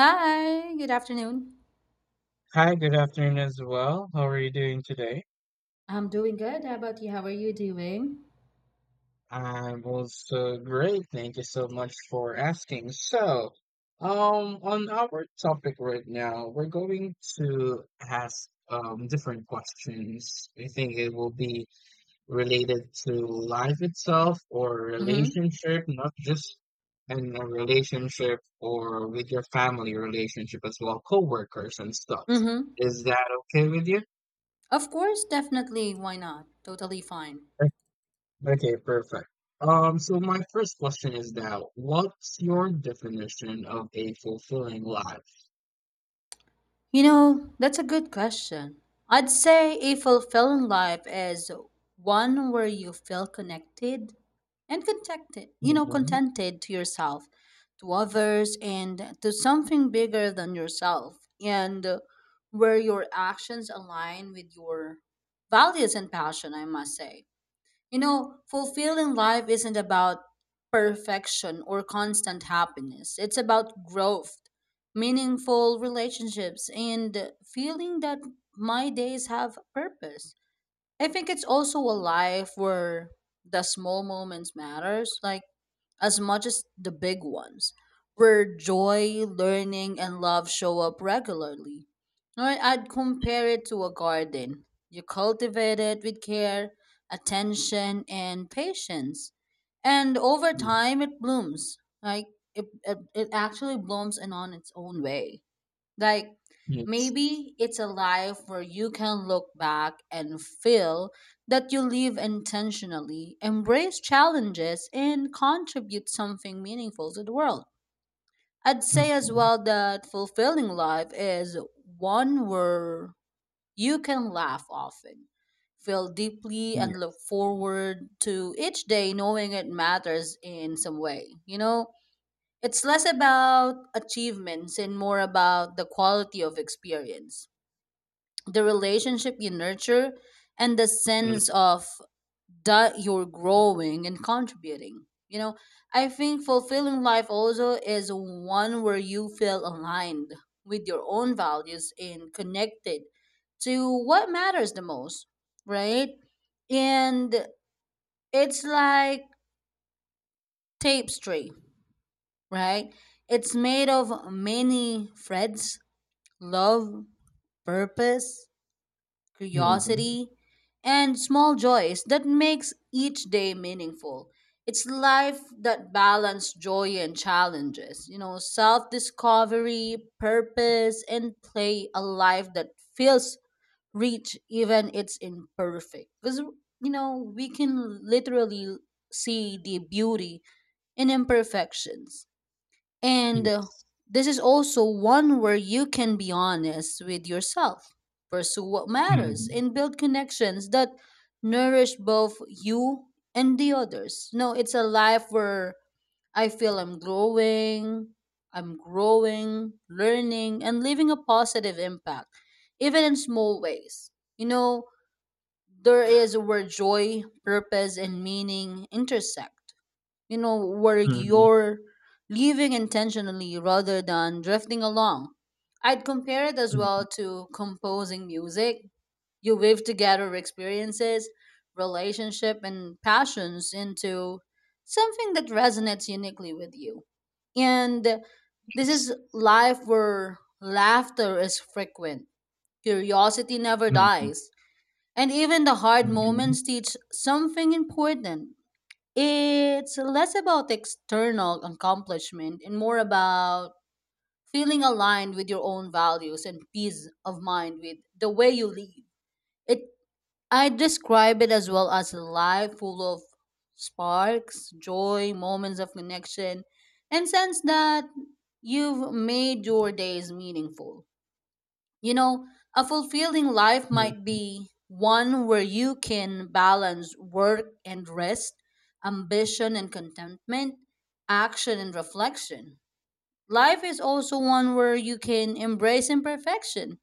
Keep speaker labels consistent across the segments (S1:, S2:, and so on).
S1: Hi, good afternoon.
S2: Hi, good afternoon as well. How are you doing today?
S1: I'm doing good. How about you? How are you doing?
S2: I was great. Thank you so much for asking. On our topic right now, we're going to ask different questions. I think it will be related to life itself or
S1: Mm-hmm.
S2: relationship, not just in a relationship or with your family relationship as well, coworkers and stuff.
S1: Mm-hmm.
S2: Is that okay with you?
S1: Of course, definitely. Why not? Totally fine.
S2: Okay, perfect. So my first question is now, what's your definition of a fulfilling life?
S1: You know, that's a good question. I'd say a fulfilling life is one where you feel connected and contented, you know,
S2: Mm-hmm.
S1: contented to yourself, to others, and to something bigger than yourself, and where your actions align with your values and passion, I must say. You know, fulfilling life isn't about perfection or constant happiness. It's about growth, meaningful relationships, and feeling that my days have purpose. I think it's also a life where the small moments matters, like as much as the big ones, where joy, learning, and love show up regularly. Right? I'd compare it to a garden. You cultivate it with care, attention, and patience. And over time, it blooms. Like, it actually blooms and on its own way. Like
S2: Yes.
S1: maybe it's a life where you can look back and feel that you live intentionally, embrace challenges, and contribute something meaningful to the world. I'd say as
S2: Mm-hmm.
S1: well that fulfilling life is one where you can laugh often, feel deeply, and
S2: Yeah.
S1: look forward to each day knowing it matters in some way. You know, it's less about achievements and more about the quality of experience, the relationship you nurture, and the sense of that you're growing and contributing. You know, I think fulfilling life also is one where you feel aligned with your own values and connected to what matters the most, right? And it's like tapestry, right? It's made of many threads love, purpose,
S2: Mm-hmm.
S1: curiosity, and small joys that makes each day meaningful. It's life that balance joy and challenges, you know, self-discovery, purpose, and play a life that feels rich even it's imperfect. Because you know, we can literally see the beauty in imperfections. And
S2: Yes.
S1: this is also one where you can be honest with yourself, pursue what matters,
S2: Mm-hmm.
S1: and build connections that nourish both you and the others. No, it's a life where I feel I'm growing, learning, and leaving a positive impact, even in small ways. You know, there is where joy, purpose, and meaning intersect you know, where
S2: Mm-hmm.
S1: you're living intentionally rather than drifting along. I'd compare it as well to composing music. You weave together experiences, relationship, and passions into something that resonates uniquely with you. And this
S2: Yes.
S1: is life where laughter is frequent, curiosity never
S2: Mm-hmm.
S1: dies, and even the hard
S2: Mm-hmm.
S1: moments teach something important. It's less about external accomplishment and more about feeling aligned with your own values and peace of mind with the way you live. It I describe it as well as a life full of sparks, joy, moments of connection, and sense that you've made your days meaningful. You know, a fulfilling life might
S2: Mm-hmm.
S1: be one where you can balance work and rest, ambition and contentment, action and reflection. Life is also one where you can embrace imperfection,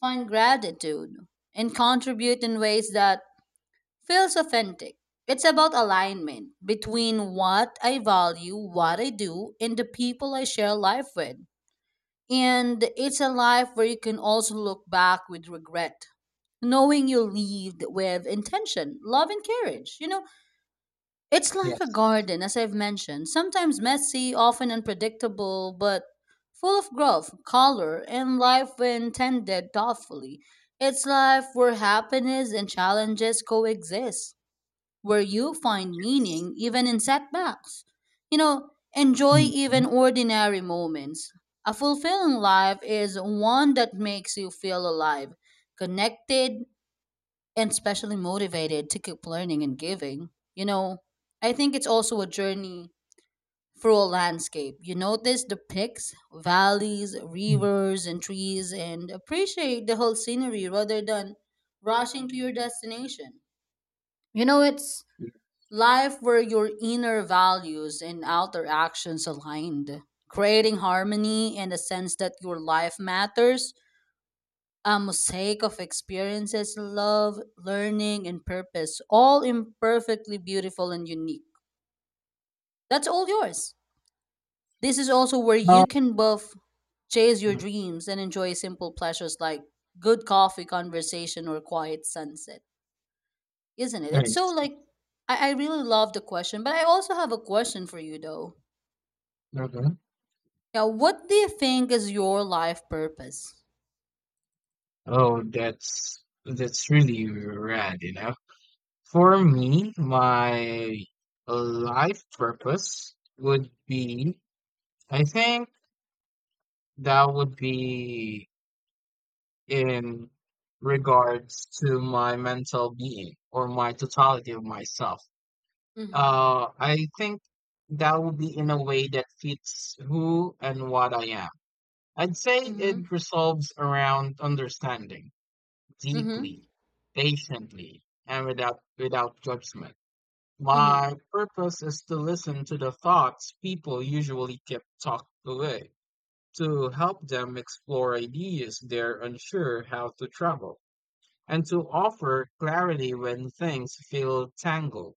S1: find gratitude, and contribute in ways that feels authentic. It's about alignment between what I value, what I do, and the people I share life with. And it's a life where you can also look back with regret, knowing you lived with intention, love, and courage. You know, it's like a
S2: Yes.
S1: garden, as I've mentioned, sometimes messy, often unpredictable, but full of growth, color, and life when tended thoughtfully. It's life where happiness and challenges coexist where you find meaning even in setbacks. You know, enjoy
S2: Mm-hmm.
S1: even ordinary moments. A fulfilling life is one that makes you feel alive, connected, and especially motivated to keep learning and giving. You know, I think it's also a journey through a landscape. You notice the peaks, valleys, rivers, and trees, and appreciate the whole scenery rather than rushing to your destination. You know, it's life where your inner values and outer actions aligned, creating harmony and a sense that your life matters, a mosaic of experiences, love, learning, and purpose, all imperfectly beautiful and unique. That's all yours. This is also where
S2: Oh,
S1: you can both chase your dreams and enjoy simple pleasures like good coffee conversation or quiet sunset. Isn't it? It's so
S2: nice.
S1: like I really love the question, but I also have a question for you though.
S2: Okay.
S1: Yeah, what do you think is your life purpose?
S2: Oh, that's really rad, you know. For
S1: Mm-hmm.
S2: me, my life purpose would be, I think that would be in regards to my mental being or my totality of myself.
S1: Mm-hmm.
S2: I think that would be in a way that fits who and what I am. I'd say
S1: Mm-hmm.
S2: it resolves around understanding
S1: Mm-hmm.
S2: deeply, patiently, and without judgment.
S1: Mm-hmm.
S2: My purpose is to listen to the thoughts people usually keep tucked away, to help them explore ideas they're unsure how to travel, and to offer clarity when things feel tangled.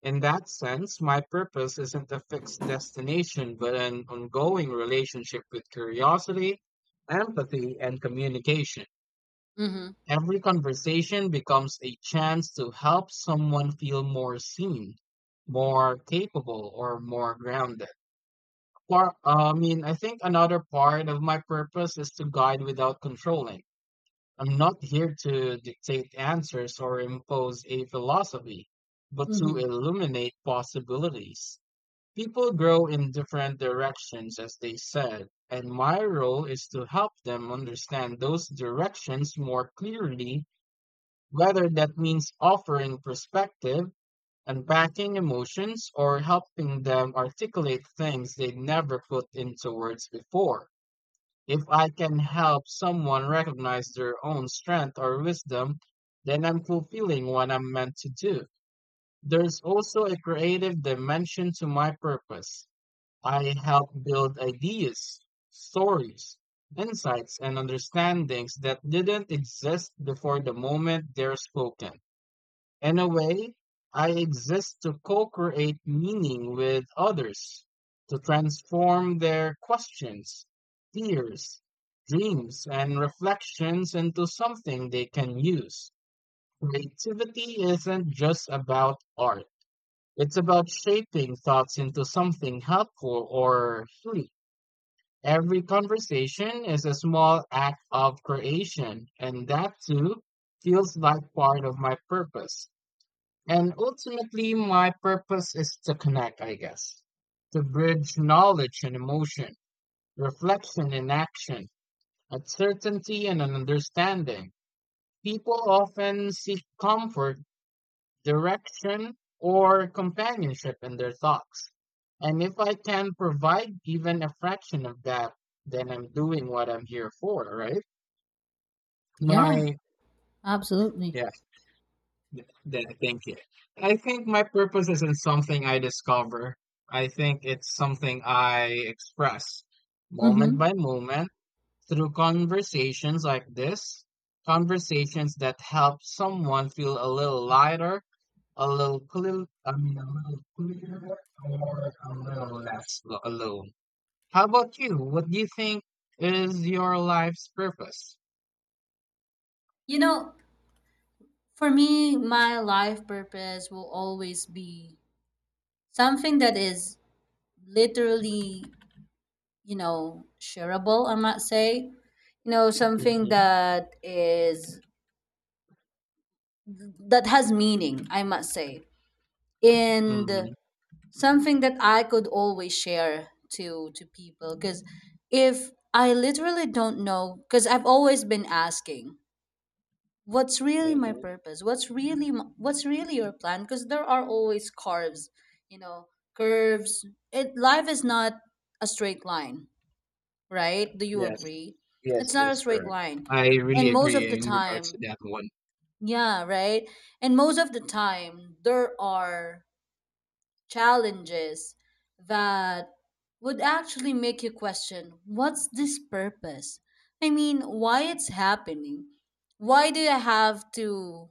S2: In that sense, my purpose isn't a fixed destination, but an ongoing relationship with curiosity, empathy, and communication.
S1: Mm-hmm.
S2: Every conversation becomes a chance to help someone feel more seen, more capable, or more grounded. I think another part of my purpose is to guide without controlling. I'm not here to dictate answers or impose a philosophy, but to
S1: Mm-hmm.
S2: illuminate possibilities. People grow in different directions, as they said, and my role is to help them understand those directions more clearly, whether that means offering perspective, unpacking emotions, or helping them articulate things they'd never put into words before. If I can help someone recognize their own strength or wisdom, then I'm fulfilling what I'm meant to do. There's also a creative dimension to my purpose. I help build ideas, stories, insights, and understandings that didn't exist before the moment they're spoken. In a way, I exist to co create meaning with others, to transform their questions, fears, dreams, and reflections into something they can use. Creativity isn't just about art, it's about shaping thoughts into something helpful or free. Every conversation is a small act of creation, and that too feels like part of my purpose. And ultimately, my purpose is to connect, I guess, to bridge knowledge and emotion, reflection and action, uncertainty and an understanding. People often seek comfort, direction, or companionship in their thoughts. And if I can provide even a fraction of that, then I'm doing what I'm here for, right?
S1: Yeah,
S2: My,
S1: absolutely.
S2: yeah. Th- Thank you. I think my purpose isn't something I discover. I think it's something I express moment
S1: Mm-hmm.
S2: by moment through conversations like this, conversations that help someone feel a little lighter, a little clearer, or a little less alone. How about you? What do you think is your life's purpose?
S1: You know, for me, my life purpose will always be something that is literally, you know, shareable, I might say. You know, something
S2: Hmm.
S1: that is that has meaning, I must say. And
S2: Hmm.
S1: something that I could always share to people because if I literally don't know because I've always been asking what's really my purpose, what's really m- what's really your plan, because there are always curves, you know, curves, it life is not a straight line, right? Do you
S2: Yes.
S1: agree?
S2: Yes,
S1: It's not a
S2: that's
S1: straight
S2: correct.
S1: line,
S2: I really
S1: and most
S2: agree
S1: of the
S2: in regards to
S1: time,
S2: that one.
S1: yeah, right, and most of the time there are challenges that would actually make you question, what's this purpose? I mean, why it's happening? Why do I have to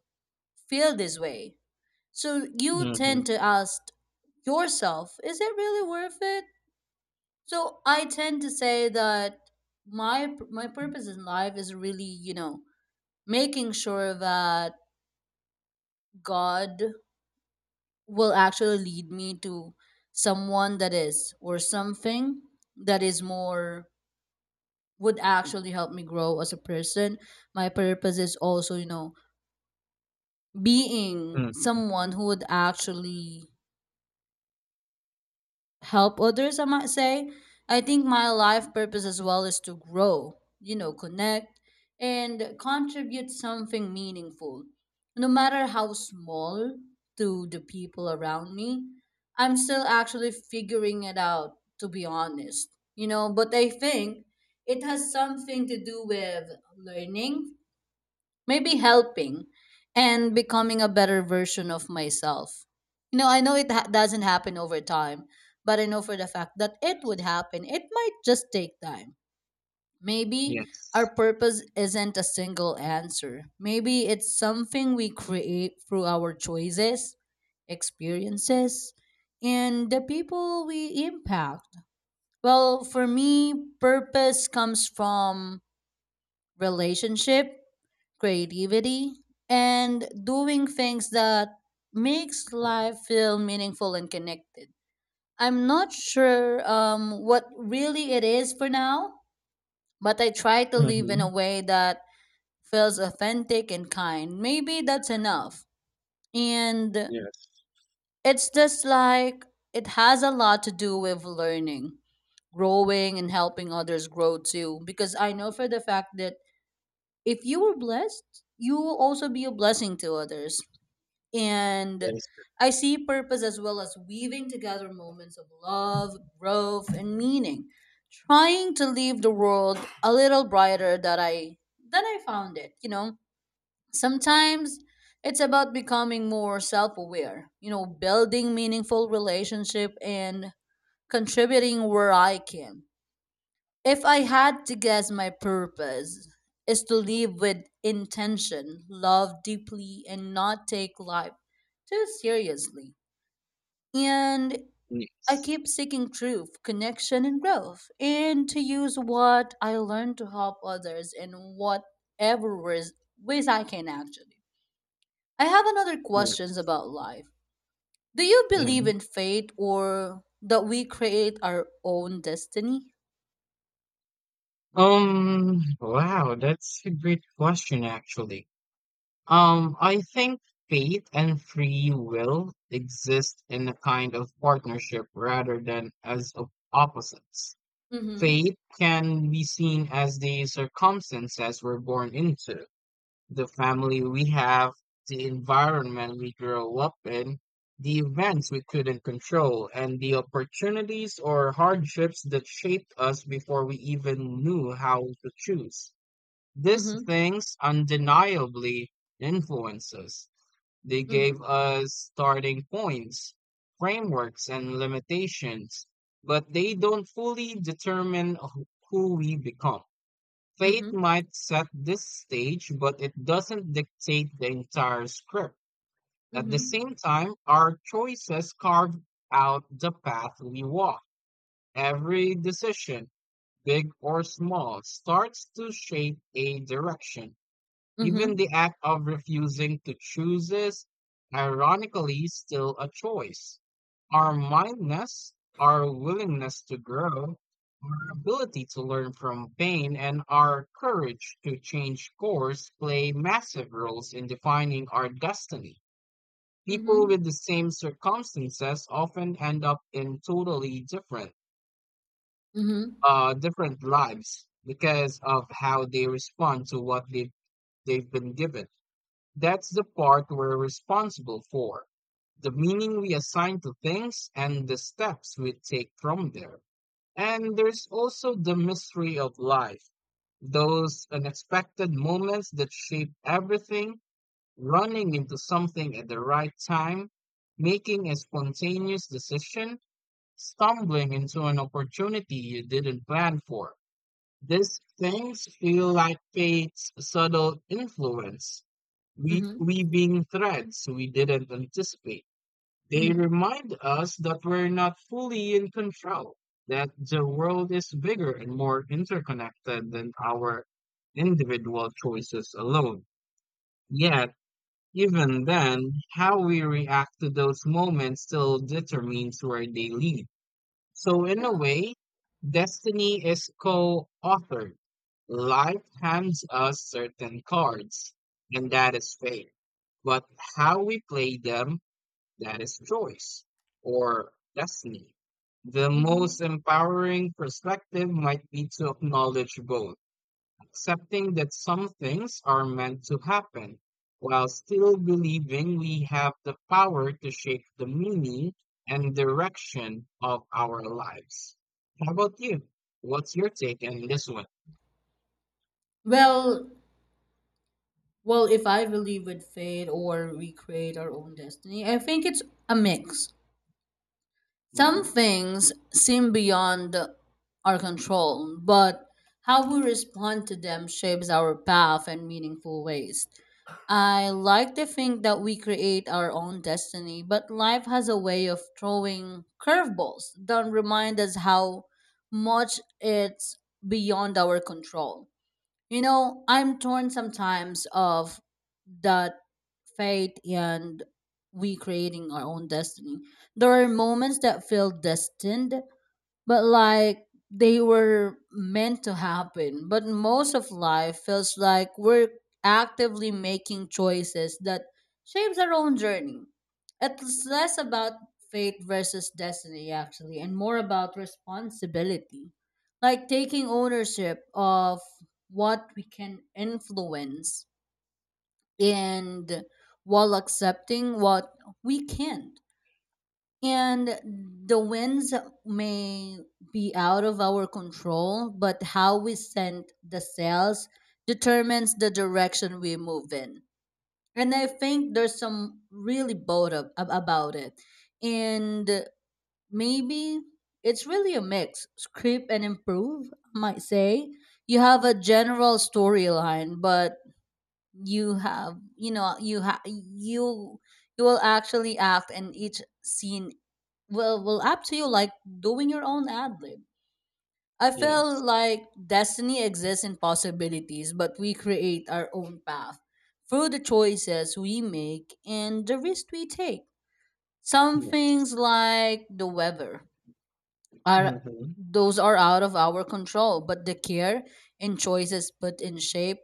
S1: feel this way? So you
S2: Mhm.
S1: tend to ask yourself, is it really worth it? So I tend to say that my purpose in life is really, you know, making sure that God will actually lead me to someone that is or something that is more would actually help me grow as a person. My purpose is also, you know, being
S2: Mhm.
S1: someone who would actually help others, I might say. I think my life purpose as well is to grow, you know, connect and contribute something meaningful, no matter how small, to the people around me. I'm still actually figuring it out, to be honest, you know, but I think it has something to do with learning, maybe helping, and becoming a better version of myself. You know, I know it doesn't happen over time, but I know for the fact that it would happen. It might just take time. Maybe our
S2: Yes.
S1: purpose isn't a single answer. Maybe it's something we create through our choices, experiences, and the people we impact. Well, for me, purpose comes from relationship, creativity, and doing things that makes life feel meaningful and connected. I'm not sure what really it is for now, but I try to live in a
S2: Mhm.
S1: way that feels authentic and kind. Maybe that's enough. And
S2: Yes.
S1: it's just like it has a lot to do with learning, growing, and helping others grow too, because I know for the fact that if you were blessed you will also be a blessing to others.
S2: That
S1: And
S2: is correct.
S1: I see purpose as well as weaving together moments of love, growth, and meaning, trying to leave the world a little brighter that I found it. You know, sometimes it's about becoming more self-aware. You know, building meaningful relationship and contributing where I can. If I had to guess, my purpose is to live with intention, love deeply, and not take life too seriously. And I
S2: Yes.
S1: keep seeking truth, connection, and growth, and to use what I learn to help others in whatever ways I can actually. I have another questions
S2: Yes.
S1: about life. Do you
S2: Yeah.
S1: believe in fate or that we create our own destiny?
S2: Wow, that's a great question actually. I think faith and free will exist in a kind of partnership rather than as opposites.
S1: Mm-hmm.
S2: Faith can be seen as the circumstances we're born into, the family we have, the environment we grow up in, the events we couldn't control, and the opportunities or hardships that shaped us before we even knew how to choose. These
S1: Mm-hmm.
S2: things undeniably influence us. They gave
S1: Mm-hmm.
S2: us starting points, frameworks, and limitations, but they don't fully determine who we become. Fate
S1: Mm-hmm.
S2: might set this stage, but it doesn't dictate the entire script. At the
S1: Mhm.
S2: same time, our choices carve out the path we walk. Every decision, big or small, starts to shape a direction. Even the
S1: Mhm.
S2: act of refusing to choose is, ironically, still a choice. Our
S1: Correct.
S2: mindness, our willingness to grow, our ability to learn from pain, and our courage to change course play massive roles in defining our destiny. People
S1: Mhm.
S2: with the same circumstances often end up in totally different,
S1: Mhm.
S2: different lives because of how they respond to what they've been given. That's the part we're responsible for, the meaning we assign to things and the steps we take from there. And there's also the mystery of life, those unexpected moments that shape everything, running into something at the right time, making a spontaneous decision, stumbling into an opportunity you didn't plan for. These things feel like fate's subtle influence,
S1: Mhm.
S2: weaving threads we didn't anticipate. They
S1: Mhm.
S2: remind us that we're not fully in control, that the world is bigger and more interconnected than our individual choices alone. Yet, even then, how we react to those moments still determines where they lead. So, in a
S1: Yeah.
S2: way, destiny is co authored. Life hands us certain cards, and that is fate. But how we play them, that is choice or destiny. The
S1: Mhm.
S2: most empowering perspective might be to acknowledge both, accepting that some things are meant to happen, while still believing we have the power to shape the meaning and direction of our lives. How about you? What's your take on this one?
S1: Well, well, if I believe with fate or we create our own destiny, I think it's a mix. Some
S2: Mhm.
S1: things seem beyond our control, but how we respond to them shapes our path in meaningful ways. I like to think that we create our own destiny, but life has a way of throwing curveballs that remind us how much it's beyond our control. You know, I'm torn sometimes of that fate and we creating our own destiny. There are moments that feel destined, but like they were meant to happen. But most of life feels like we're actively making choices that shapes our own journey. It's less about fate versus destiny actually and more about responsibility. Like taking ownership of what we can influence and while accepting what we can't. And the winds may be out of our control, but how we send the sails determines the direction we move in. And I think there's some really bold about it. And maybe it's really a mix script and improve, I might say. You have a general storyline, but you know, you you will actually act and each scene will up to you, like doing your own ad lib. I feel
S2: Yes.
S1: like destiny exists in possibilities, but we create our own path through the choices we make and the risks we take. Some
S2: Yes.
S1: things, like the weather, are
S2: Mm-hmm.
S1: those are out of our control, but the care and choices put in shape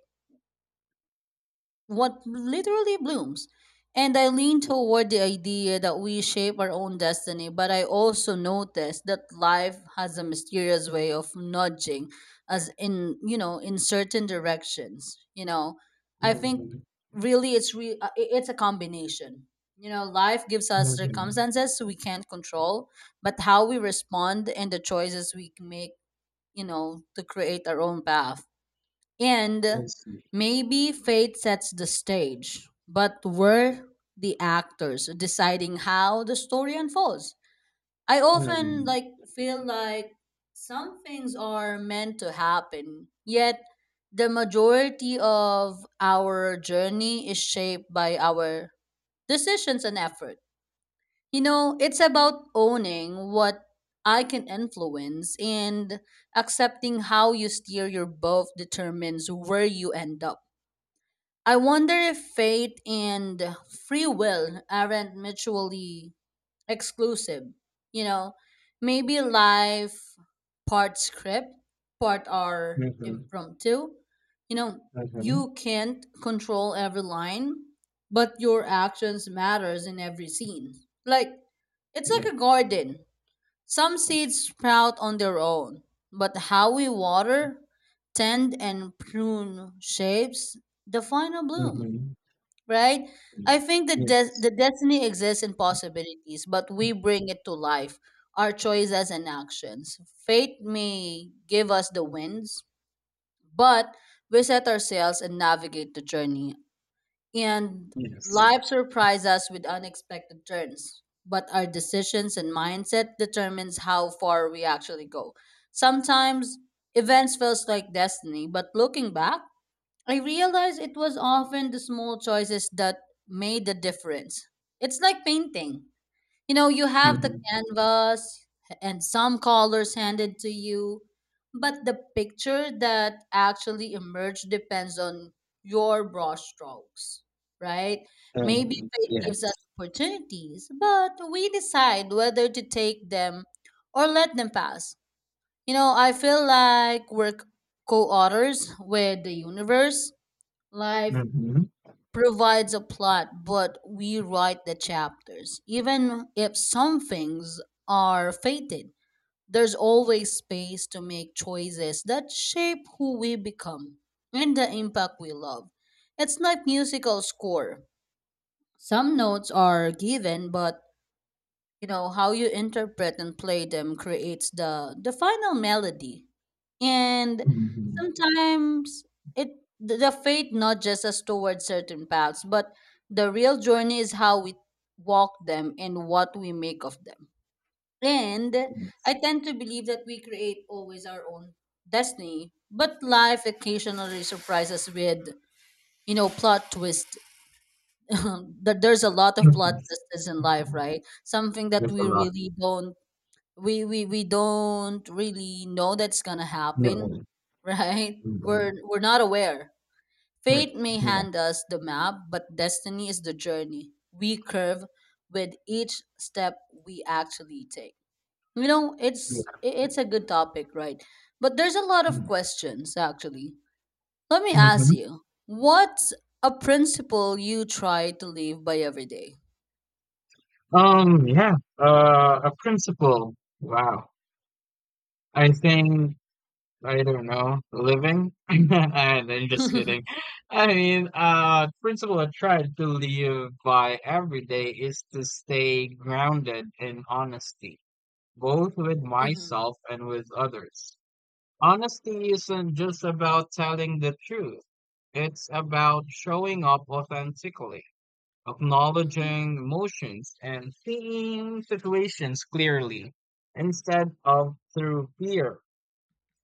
S1: what literally blooms. And I lean toward the idea that we shape our own destiny, but I also notice that life has a mysterious way of nudging us in, in certain directions. I think
S2: Mm-hmm.
S1: really it's a combination. Life gives us
S2: Mm-hmm.
S1: circumstances we can't control, but how we respond and the choices we make, to create our own path. And
S2: I see.
S1: maybe fate sets the stage, but we're the actors deciding how the story unfolds. I often
S2: Mm-hmm.
S1: like feel like some things are meant to happen, yet the majority of our journey is shaped by our decisions and effort. It's about owning what I can influence and accepting how you steer your boat determines where you end up. I wonder if fate and free will aren't mutually exclusive. You know, Maybe life part script, part are
S2: Mm-hmm.
S1: impromptu. You know,
S2: Mm-hmm.
S1: you can't control every line, but your actions matters in every scene. Like it's
S2: Yeah.
S1: like a garden. Some seeds sprout on their own, but how we water, tend and prune shapes the final bloom,
S2: Mm-hmm.
S1: right? I think that
S2: Yeah.
S1: the destiny exists in possibilities, but we bring it to life, our choices and actions. Fate may give us the winds, but we set our sails and navigate the journey. And
S2: Yes.
S1: life surprises us with unexpected turns, but our decisions and mindset determines how far we actually go. Sometimes events feels like destiny, but looking back, I realized it was often the small choices that made the difference. It's like painting. You know, you have the
S2: Mm-hmm.
S1: canvas and some colors handed to you, but the picture that actually emerged depends on your brush strokes, right? Maybe fate gives us
S2: Yes.
S1: opportunities, but we decide whether to take them or let them pass. I feel like we're co authors with the universe. Life
S2: Mm-hmm.
S1: provides a plot, but we write the chapters. Even if some things are fated, there's always space to make choices that shape who we become and the impact we love. It's like musical score. Some notes are given, but you know how you interpret and play them creates the final melody. And
S2: Mm-hmm.
S1: sometimes it the fate nudges us towards certain paths, but the real journey is how we walk them and what we make of them. And I
S2: Yes.
S1: tend to believe that we create always our own destiny, but life occasionally surprises us with, plot twist. That there's a lot of plot
S2: Mhm.
S1: twists in life,
S2: Mhm.
S1: right? Something that
S2: There's a
S1: we
S2: lot.
S1: really don't, we don't really know that's gonna happen.
S2: No.
S1: Right, we're
S2: Mhm.
S1: we're not aware.
S2: Right.
S1: Fate may
S2: Yeah,
S1: hand us the map, but destiny is the journey we curve with each step we actually take. you know it's
S2: yeah.
S1: i- it's a good topic, right? But there's a lot of
S2: Mm.
S1: questions actually. Let me ask
S2: Mhm.
S1: you, what's a principle you try to live by every day?
S2: Um, yeah. A principle. Wow. I think I don't know, living? And am just
S1: Mm-hmm,
S2: kidding. I mean, principle I try to live by every day is to stay grounded in honesty, both with
S1: mm-hmm,
S2: myself and with others. Honesty isn't just about telling the truth. It's about showing up authentically, acknowledging emotions, and seeing situations clearly instead of through fear,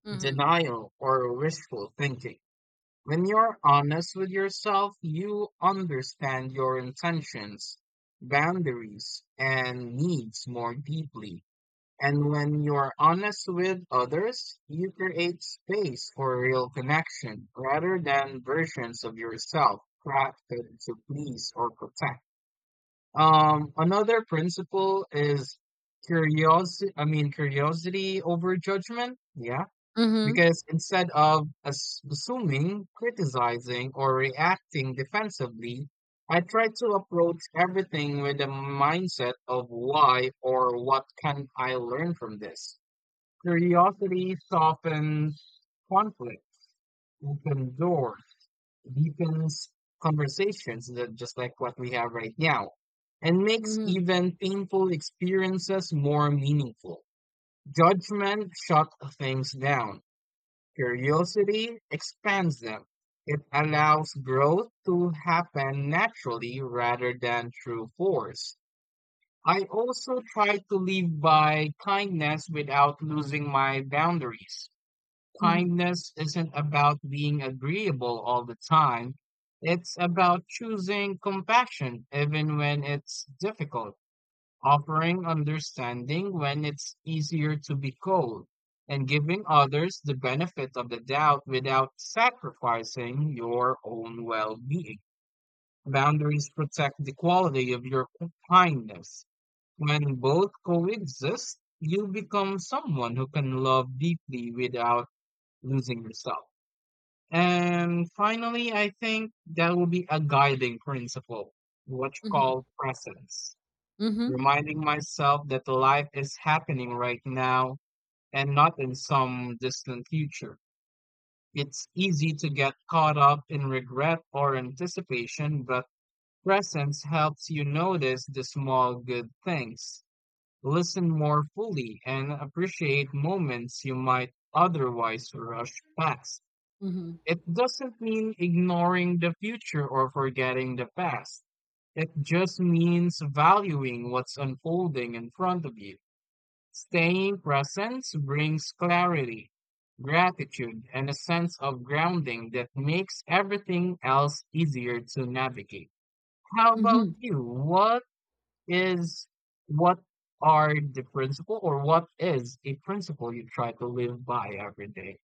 S1: mm-hmm,
S2: denial, or wishful thinking. When you're honest with yourself, you understand your intentions, boundaries, and needs more deeply. And when you're honest with others, you create space for real connection rather than versions of yourself crafted to please or protect. Another principle is curiosity over judgment. Yeah.
S1: mm-hmm,
S2: Because instead of assuming, criticizing, or reacting defensively, I try to approach everything with the mindset of why or what can I learn from this. Curiosity softens conflict, opens doors, deepens conversations, that just like what we have right now, and makes
S1: mm-hmm,
S2: even painful experiences more meaningful. Judgment shuts things down. Curiosity expands them. It allows growth to happen naturally rather than through force. I also try to live by kindness without losing my boundaries. Kindness isn't about being agreeable all the time. It's about choosing compassion even when it's difficult, offering understanding when it's easier to be cold, and giving others the benefit of the doubt without sacrificing your own well being. Boundaries protect the quality of your kindness. When both coexist, you become someone who can love deeply without losing yourself. And finally, I think that will be a guiding principle, what you
S1: mm-hmm.
S2: call presence.
S1: Mm-hmm.
S2: Reminding myself that life is happening right now and not in some distant future. It's easy to get caught up in regret or anticipation, but presence helps you notice the small good things, listen more fully, and appreciate moments you might otherwise rush past.
S1: Mm-hmm.
S2: It doesn't mean ignoring the future or forgetting the past. It just means valuing what's unfolding in front of you. Staying present brings clarity, gratitude, and a sense of grounding that makes everything else easier to navigate. How about
S1: Mm-hmm.
S2: you? Is, what are the principle or what is a principle you try to live by every day?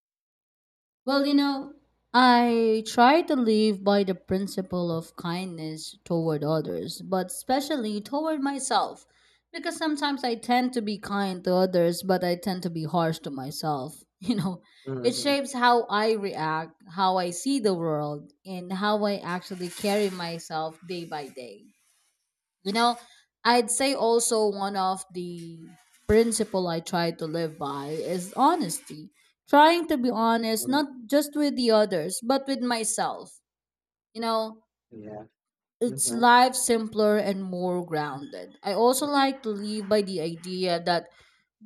S1: Well, you know, I try to live by the principle of kindness toward others, but especially toward myself. Because sometimes I tend to be kind to others, but I tend to be harsh to myself. You know, it
S2: Mm-hmm.
S1: shapes how I react, how I see the world, and how I actually carry myself day by day. You know, I'd say also one of the principle I try to live by is honesty. Trying to be honest, not just with the others, but with myself. You know,
S2: Yeah.
S1: it's
S2: Mm-hmm.
S1: life simpler and more grounded. I also like to live by the idea that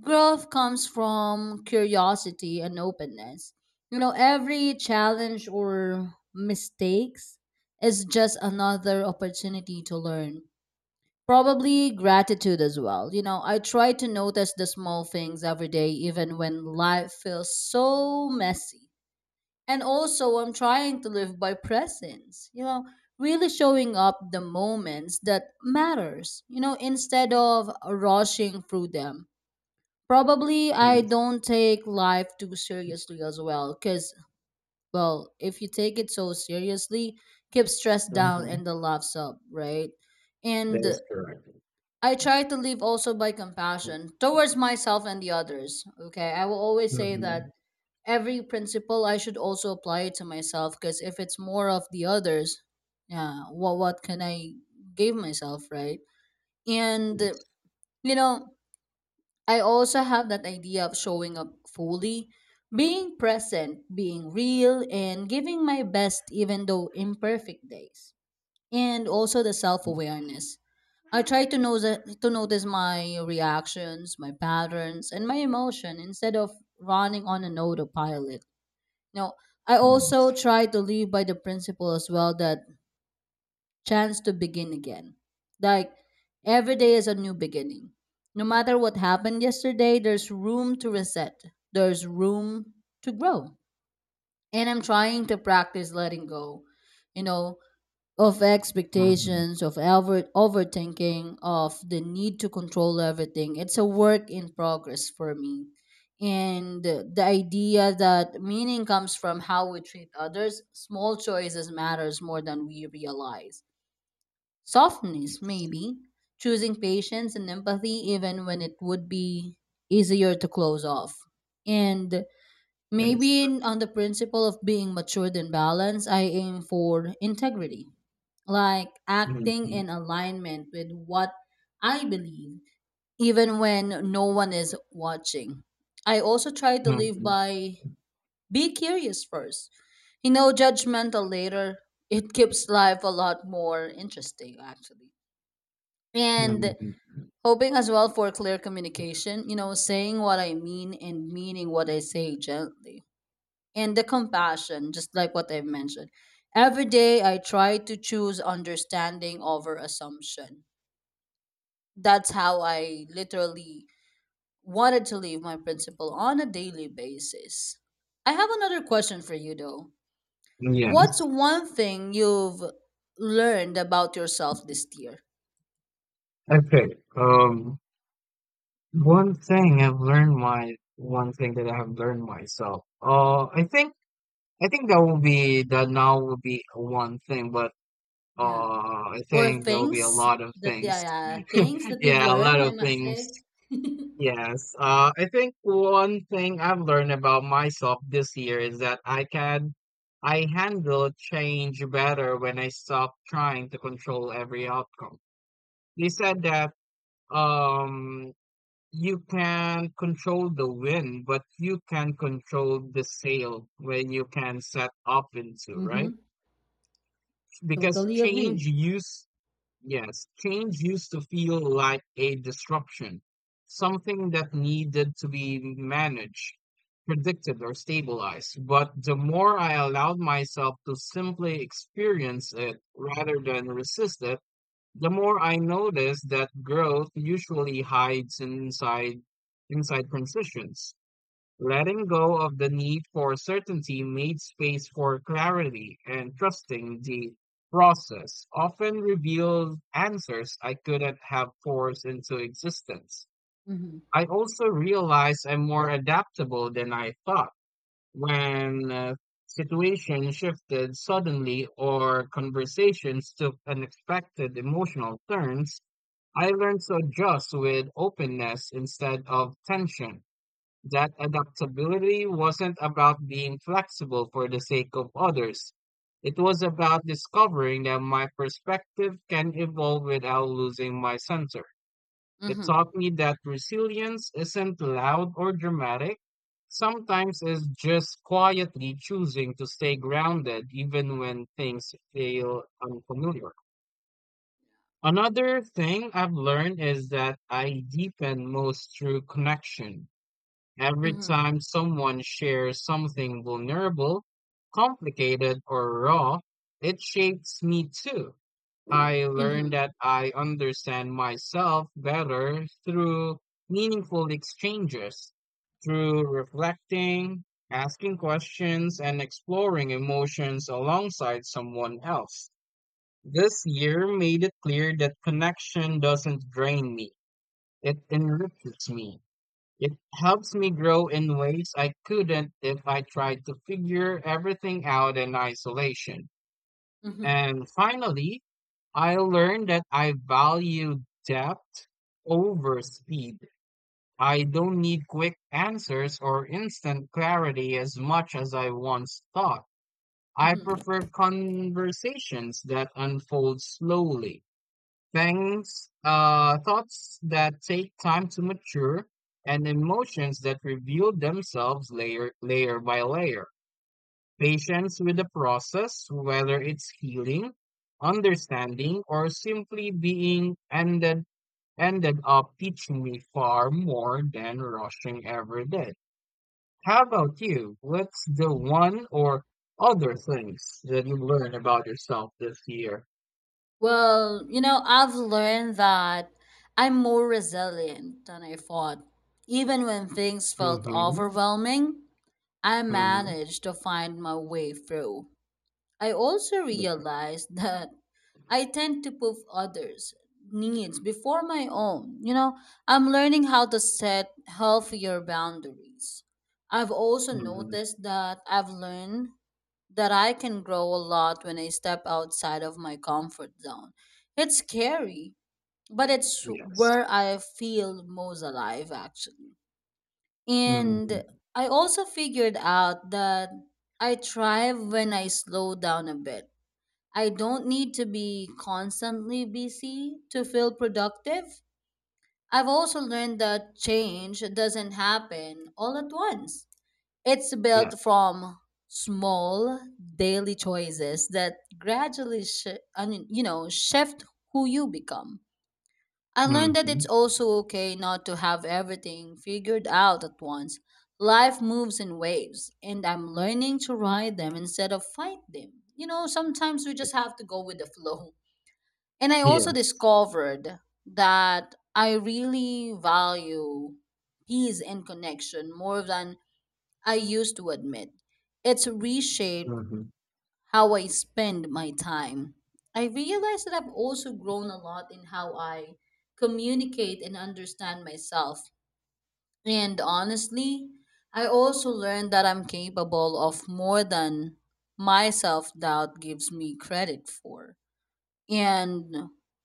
S1: growth comes from curiosity and openness. Every challenge or mistakes is just another opportunity to learn. Probably gratitude as well. I try to notice the small things every day, even when life feels so messy. And also, I'm trying to live by presence, really showing up the moments that matters, instead of rushing through them. Probably I
S2: Yes.
S1: don't take life too seriously as well, because, well, if you take it so seriously, keep stress down
S2: Mhm.
S1: and the laughs up, right?
S2: That
S1: And
S2: is correct.
S1: I try to live also by
S2: Mhm.
S1: compassion towards myself and the others. Okay, I will always say that
S2: Mhm.
S1: every principle I should also apply it to myself because if it's more of the others, yeah, what can I give myself, right? And
S2: Yes.
S1: you know, I also have that idea of showing up fully, being present, being real, and giving my best even though imperfect days, and also the self awareness. I try to know the, to notice my reactions, my patterns, and my emotion instead of running on an autopilot. You know, I also try to live by the principle as well that chance to begin again. Like every day is a new beginning. No matter what happened yesterday, there's room to reset. There's room to grow. And I'm trying to practice letting go. You know, of
S2: Mhm.
S1: expectations, of overthinking, of the need to control everything. It's a work in progress for me. And the idea that meaning comes from how we treat others, small choices matters more than we realize. Softness,
S2: Yes.
S1: maybe, choosing patience and empathy, even when it would be easier to close off. And
S2: That is
S1: maybe
S2: correct.
S1: on the principle of being matured and balanced, I aim for integrity, like acting
S2: Mhm.
S1: in alignment with what I believe, even when no one is watching. I also try to live
S2: Mhm.
S1: by be curious first, judgmental later. It keeps life a lot more interesting, actually. And
S2: Mhm.
S1: hoping as well for clear communication, saying what I mean and meaning what I say gently. And the compassion, just like what I've mentioned. Every day I try to choose understanding over assumption. That's how I literally wanted to leave my principal on a daily basis. I have another question for you though. What's
S2: Yes.
S1: one thing you've learned about yourself this year?
S2: Okay. One thing I've learned my one thing that I have learned myself. I think that will be that now will be one thing, but
S1: Yeah.
S2: uh, I
S1: Or
S2: think there will be a
S1: things
S2: lot of
S1: that, yeah,
S2: things.
S1: yeah, things that you've
S2: Yeah, a
S1: learned,
S2: lot
S1: I
S2: of
S1: might
S2: things.
S1: say.
S2: Yes, I think one thing I've learned about myself this year is that I handle change better when I stop trying to control every outcome. They said that um you can control the wind, but you can control the sail when you can set up into, right?
S1: Mm-hmm.
S2: Because
S1: Totally
S2: change
S1: agree.
S2: used Yes, change used to feel like a disruption, something that needed to be managed, predicted, or stabilized. But the more I allowed myself to simply experience it rather than resist it, the more I noticed that growth usually hides inside transitions. Letting go of the need for certainty made space for clarity, and trusting the process often revealed answers I couldn't have forced into existence.
S1: Mm-hmm.
S2: I also realized I'm more adaptable than I thought when situations shifted suddenly or conversations took unexpected emotional turns. I learned to adjust with openness instead of tension. That adaptability wasn't about being flexible for the sake of others. It was about discovering that my perspective can evolve without losing my center. It
S1: Mm-hmm.
S2: taught me that resilience isn't loud or dramatic. Sometimes it's just quietly choosing to stay grounded even when things feel unfamiliar. Another thing I've learned is that I deepen most through connection. Every
S1: Mm-hmm.
S2: time someone shares something vulnerable, complicated, or raw, it shapes me too. I learn that I understand myself better through meaningful exchanges, through reflecting, asking questions, and exploring emotions alongside someone else. This year made it clear that connection doesn't drain me, it enriches me. It helps me grow in ways I couldn't if I tried to figure everything out in isolation.
S1: Mm-hmm.
S2: And finally, I learned that I value depth over speed. I don't need quick answers or instant clarity as much as I once thought. I
S1: Mm-hmm.
S2: prefer conversations that unfold slowly. Thoughts that take time to mature, and emotions that reveal themselves layer by layer. Patience with the process, whether it's healing, understanding, or simply being ended up teaching me far more than rushing ever did. How about you? What's the one or other things that you learned about yourself this year?
S1: Well, you know, I've learned that I'm more resilient than I thought. Even when things felt
S2: Mm-hmm.
S1: overwhelming, I managed to find my way through. I also realized that I tend to put others' needs before my own. I'm learning how to set healthier boundaries. I've also
S2: Mm-hmm.
S1: noticed that I've learned that I can grow a lot when I step outside of my comfort zone. It's scary, but it's
S2: Yes.
S1: where I feel most alive, actually. And
S2: Mhm.
S1: I also figured out that I thrive when I slow down a bit. I don't need to be constantly busy to feel productive. I've also learned that change doesn't happen all at once. It's
S2: Yeah.
S1: built from small daily choices that gradually I mean, shift who you become. I learned that it's
S2: Mhm.
S1: also okay not to have everything figured out at once. Life moves in waves, and I'm learning to ride them instead of fight them. Sometimes we just have to go with the flow. And I also
S2: Yes.
S1: discovered that I really value peace and connection more than I used to admit. It's reshaped
S2: Mhm.
S1: how I spend my time. I realize that I've also grown a lot in how I communicate and understand myself. And honestly, I also learned that I'm capable of more than my self doubt gives me credit for. And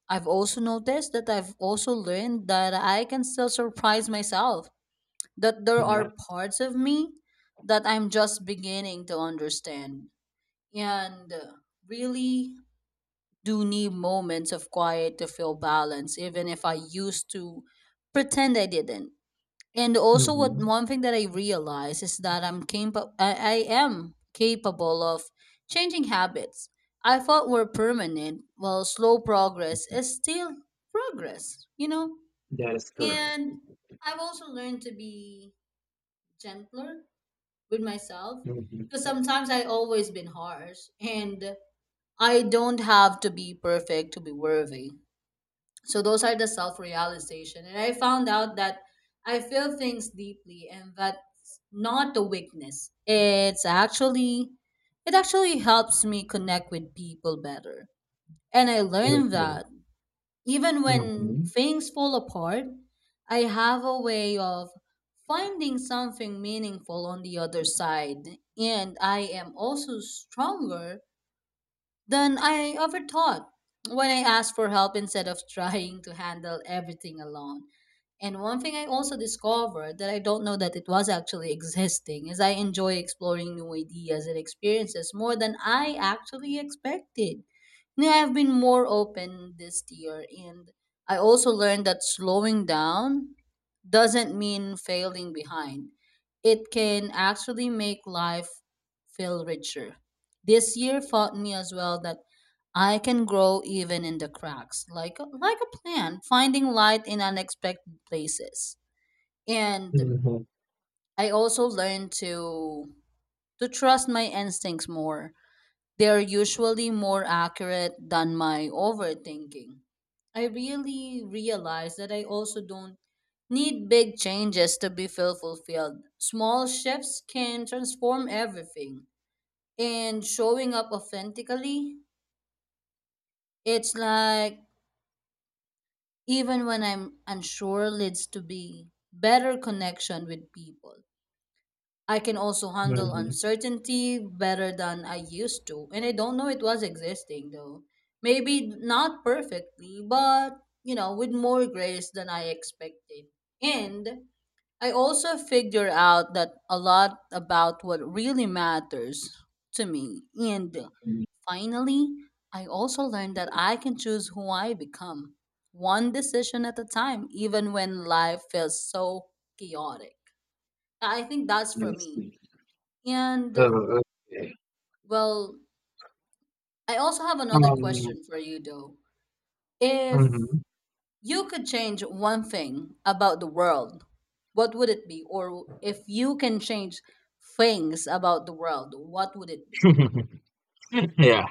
S1: I've also noticed that I've also learned that I can still surprise myself, that there are
S2: Yes.
S1: parts of me that I'm just beginning to understand, and really do need moments of quiet to feel balance, even if I used to pretend I didn't. And also, what
S2: Mhm.
S1: one thing that I realize is that I'm capable. I am capable of changing habits I thought were permanent. Well, slow progress is still progress.
S2: That is correct.
S1: And I've also learned to be gentler with myself
S2: Mhm.
S1: because sometimes I always been harsh and I don't have to be perfect to be worthy. So those are the self realization. And I found out that I feel things deeply and that's not a weakness. It's actually, it actually helps me connect with people better. And I learned
S2: Mhm.
S1: that. Even when
S2: Mhm.
S1: things fall apart, I have a way of finding something meaningful on the other side, and I am also stronger than I ever thought when I asked for help instead of trying to handle everything alone. And one thing I also discovered that I don't know that it was actually existing is I enjoy exploring new ideas and experiences more than I actually expected. Now I've been more open this year, and I also learned that slowing down doesn't mean failing behind. It can actually make life feel richer. This year taught me as well that I can grow even in the cracks, like a plant, finding light in unexpected places. And
S2: Mhm.
S1: I also learned to trust my instincts more. They're usually more accurate than my overthinking. I really realized that I also don't need big changes to be feel fulfilled. Small shifts can transform everything. And showing up authentically, it's like, even when I'm unsure leads to be better connection with people. I can also handle
S2: Mhm.
S1: uncertainty better than I used to. And I don't know it was existing though. Maybe not perfectly, but with more grace than I expected. And I also figure out that a lot about what really matters to me. And finally, I also learned that
S2: Mhm.
S1: I can choose who I become, one decision at a time, even when life feels so chaotic. I think that's
S2: I
S1: for me.
S2: see.
S1: And,
S2: Oh, okay.
S1: well, I also have another
S2: Um,
S1: question for you, though. If
S2: mhm.
S1: you could change one thing about the world, what would it be? Or if you can change things about the world, what would it be?
S2: Yeah.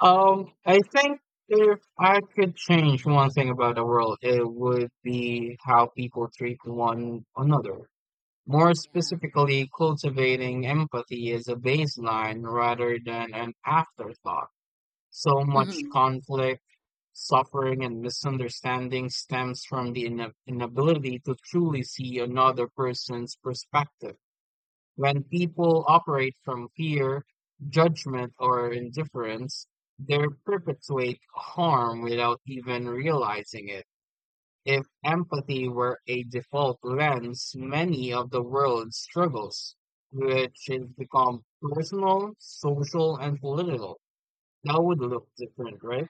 S2: I think if I could change one thing about the world, it would be how people treat one another. More
S1: Yeah.
S2: specifically, cultivating empathy is a baseline rather than an afterthought. So much
S1: Mm-hmm.
S2: conflict, suffering, and misunderstanding stems from the inability to truly see another person's perspective. When people operate from fear, judgment, or indifference, they perpetuate harm without even realizing it. If empathy were a default lens, many of the world's struggles, which has become personal, social, and political, that would look different, right?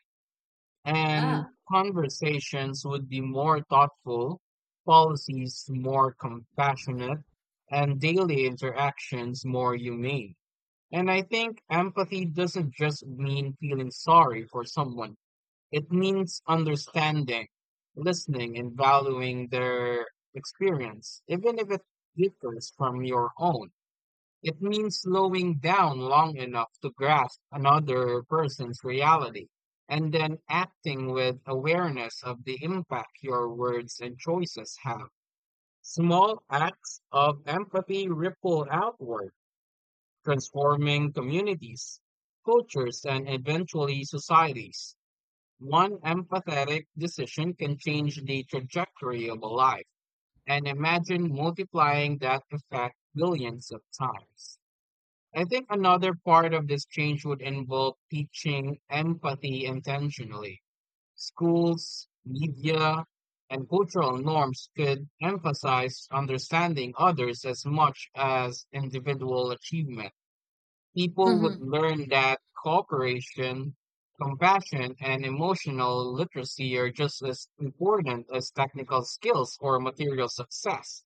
S1: Yeah.
S2: And conversations would be more thoughtful, policies more compassionate, and daily interactions more humane. And I think empathy doesn't just mean feeling sorry for someone, it means understanding, listening, and valuing their experience, even if it differs from your own. It means slowing down long enough to grasp another person's reality and then acting with awareness of the impact your words and choices have. Small acts of empathy ripple outward, transforming communities, cultures, and eventually societies. One empathetic decision can change the trajectory of a life, and imagine multiplying that effect billions of times. I think another part of this change would involve teaching empathy intentionally. Schools, media, and cultural norms could emphasize understanding others as much as individual achievement. People would
S1: Mm-hmm.
S2: learn that cooperation, compassion, and emotional literacy are just as important as technical skills or material success.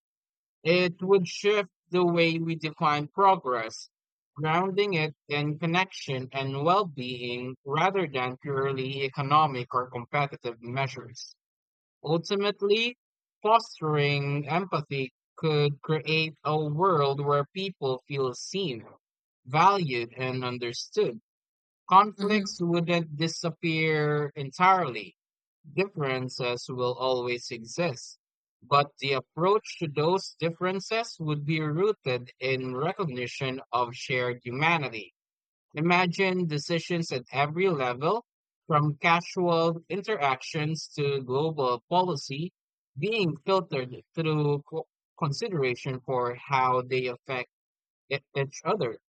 S2: It would shift the way we define progress, grounding it in connection and well being rather than purely economic or competitive measures. Ultimately, fostering empathy could create a world where people feel seen, valued, and understood.
S1: Mm-hmm.
S2: Conflicts wouldn't disappear entirely. Differences will always exist. But the approach to those differences would be rooted in recognition of shared humanity. Imagine decisions at every level, from casual interactions to global policy, being filtered through consideration for how they affect each other.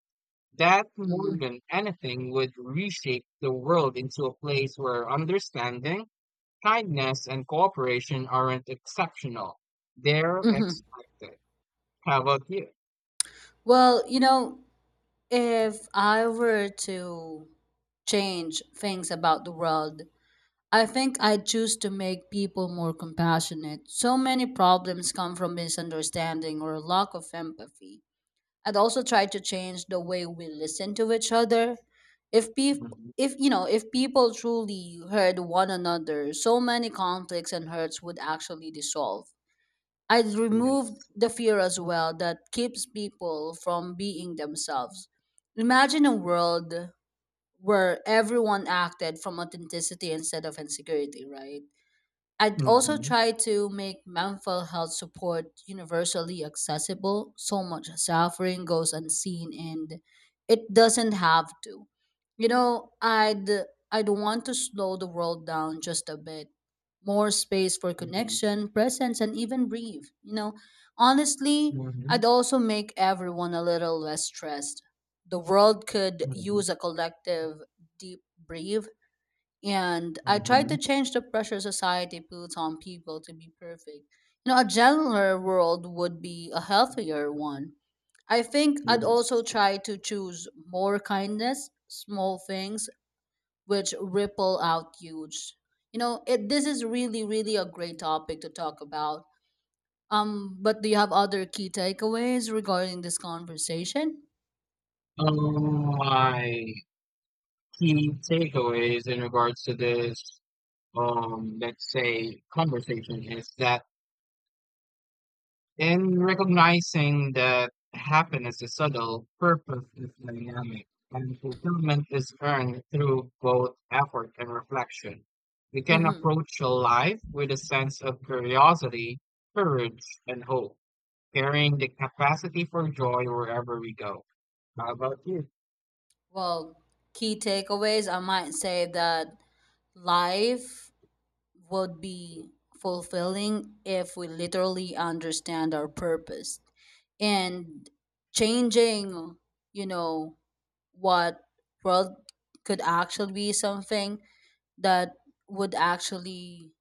S2: That, more
S1: Mm-hmm.
S2: than anything, would reshape the world into a place where understanding, kindness, and cooperation aren't exceptional. They're
S1: Mm-hmm.
S2: expected. How about you?
S1: Well, you know, if I were to change things about the world, I think I'd choose to make people more compassionate. So many problems come from misunderstanding or lack of empathy. I'd also try to change the way we listen to each other. If people
S2: Mhm.
S1: if you know, if people truly heard one another, so many conflicts and hurts would actually dissolve. I removed
S2: Yes.
S1: the fear as well that keeps people from being themselves. Imagine a world where everyone acted from authenticity instead of insecurity, right? I'd also
S2: Mm-hmm.
S1: try to make mental health support universally accessible. So much suffering goes unseen and it doesn't have to. You know, I'd I'd want to slow the world down just a bit. More space for
S2: Mm-hmm.
S1: connection, presence and even breathe. Honestly,
S2: Mm-hmm.
S1: I'd also make everyone a little less stressed. The world could use a collective deep breathe, and I tried to
S2: Mm-hmm.
S1: change the pressure society puts on people to be perfect. A gentler world would be a healthier one. I think I'd also
S2: Yes.
S1: try to choose more kindness, small things which ripple out huge. This is really, really a great topic to talk about. But do you have other key takeaways regarding this conversation?
S2: My key takeaways in regards to this, let's say, conversation is that in recognizing that happiness is subtle, purpose is dynamic, and fulfillment is earned through both effort and reflection. We can
S1: Mm-hmm.
S2: approach life with a sense of curiosity, courage, and hope, carrying the capacity for joy wherever we go. How about you?
S1: Well, key takeaways, I might say that life would be fulfilling if we literally understand our purpose, and changing, you know, what world could actually be something that would actually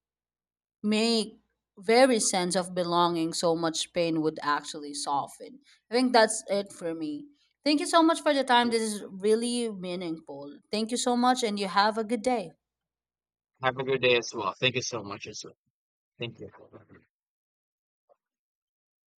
S1: make very sense of belonging, so much pain would actually soften. I think that's it for me. Thank you so much for the time. This is really meaningful. Thank you so much, and you have a good day.
S2: Have a good day as well. Thank you so much as well. Thank you.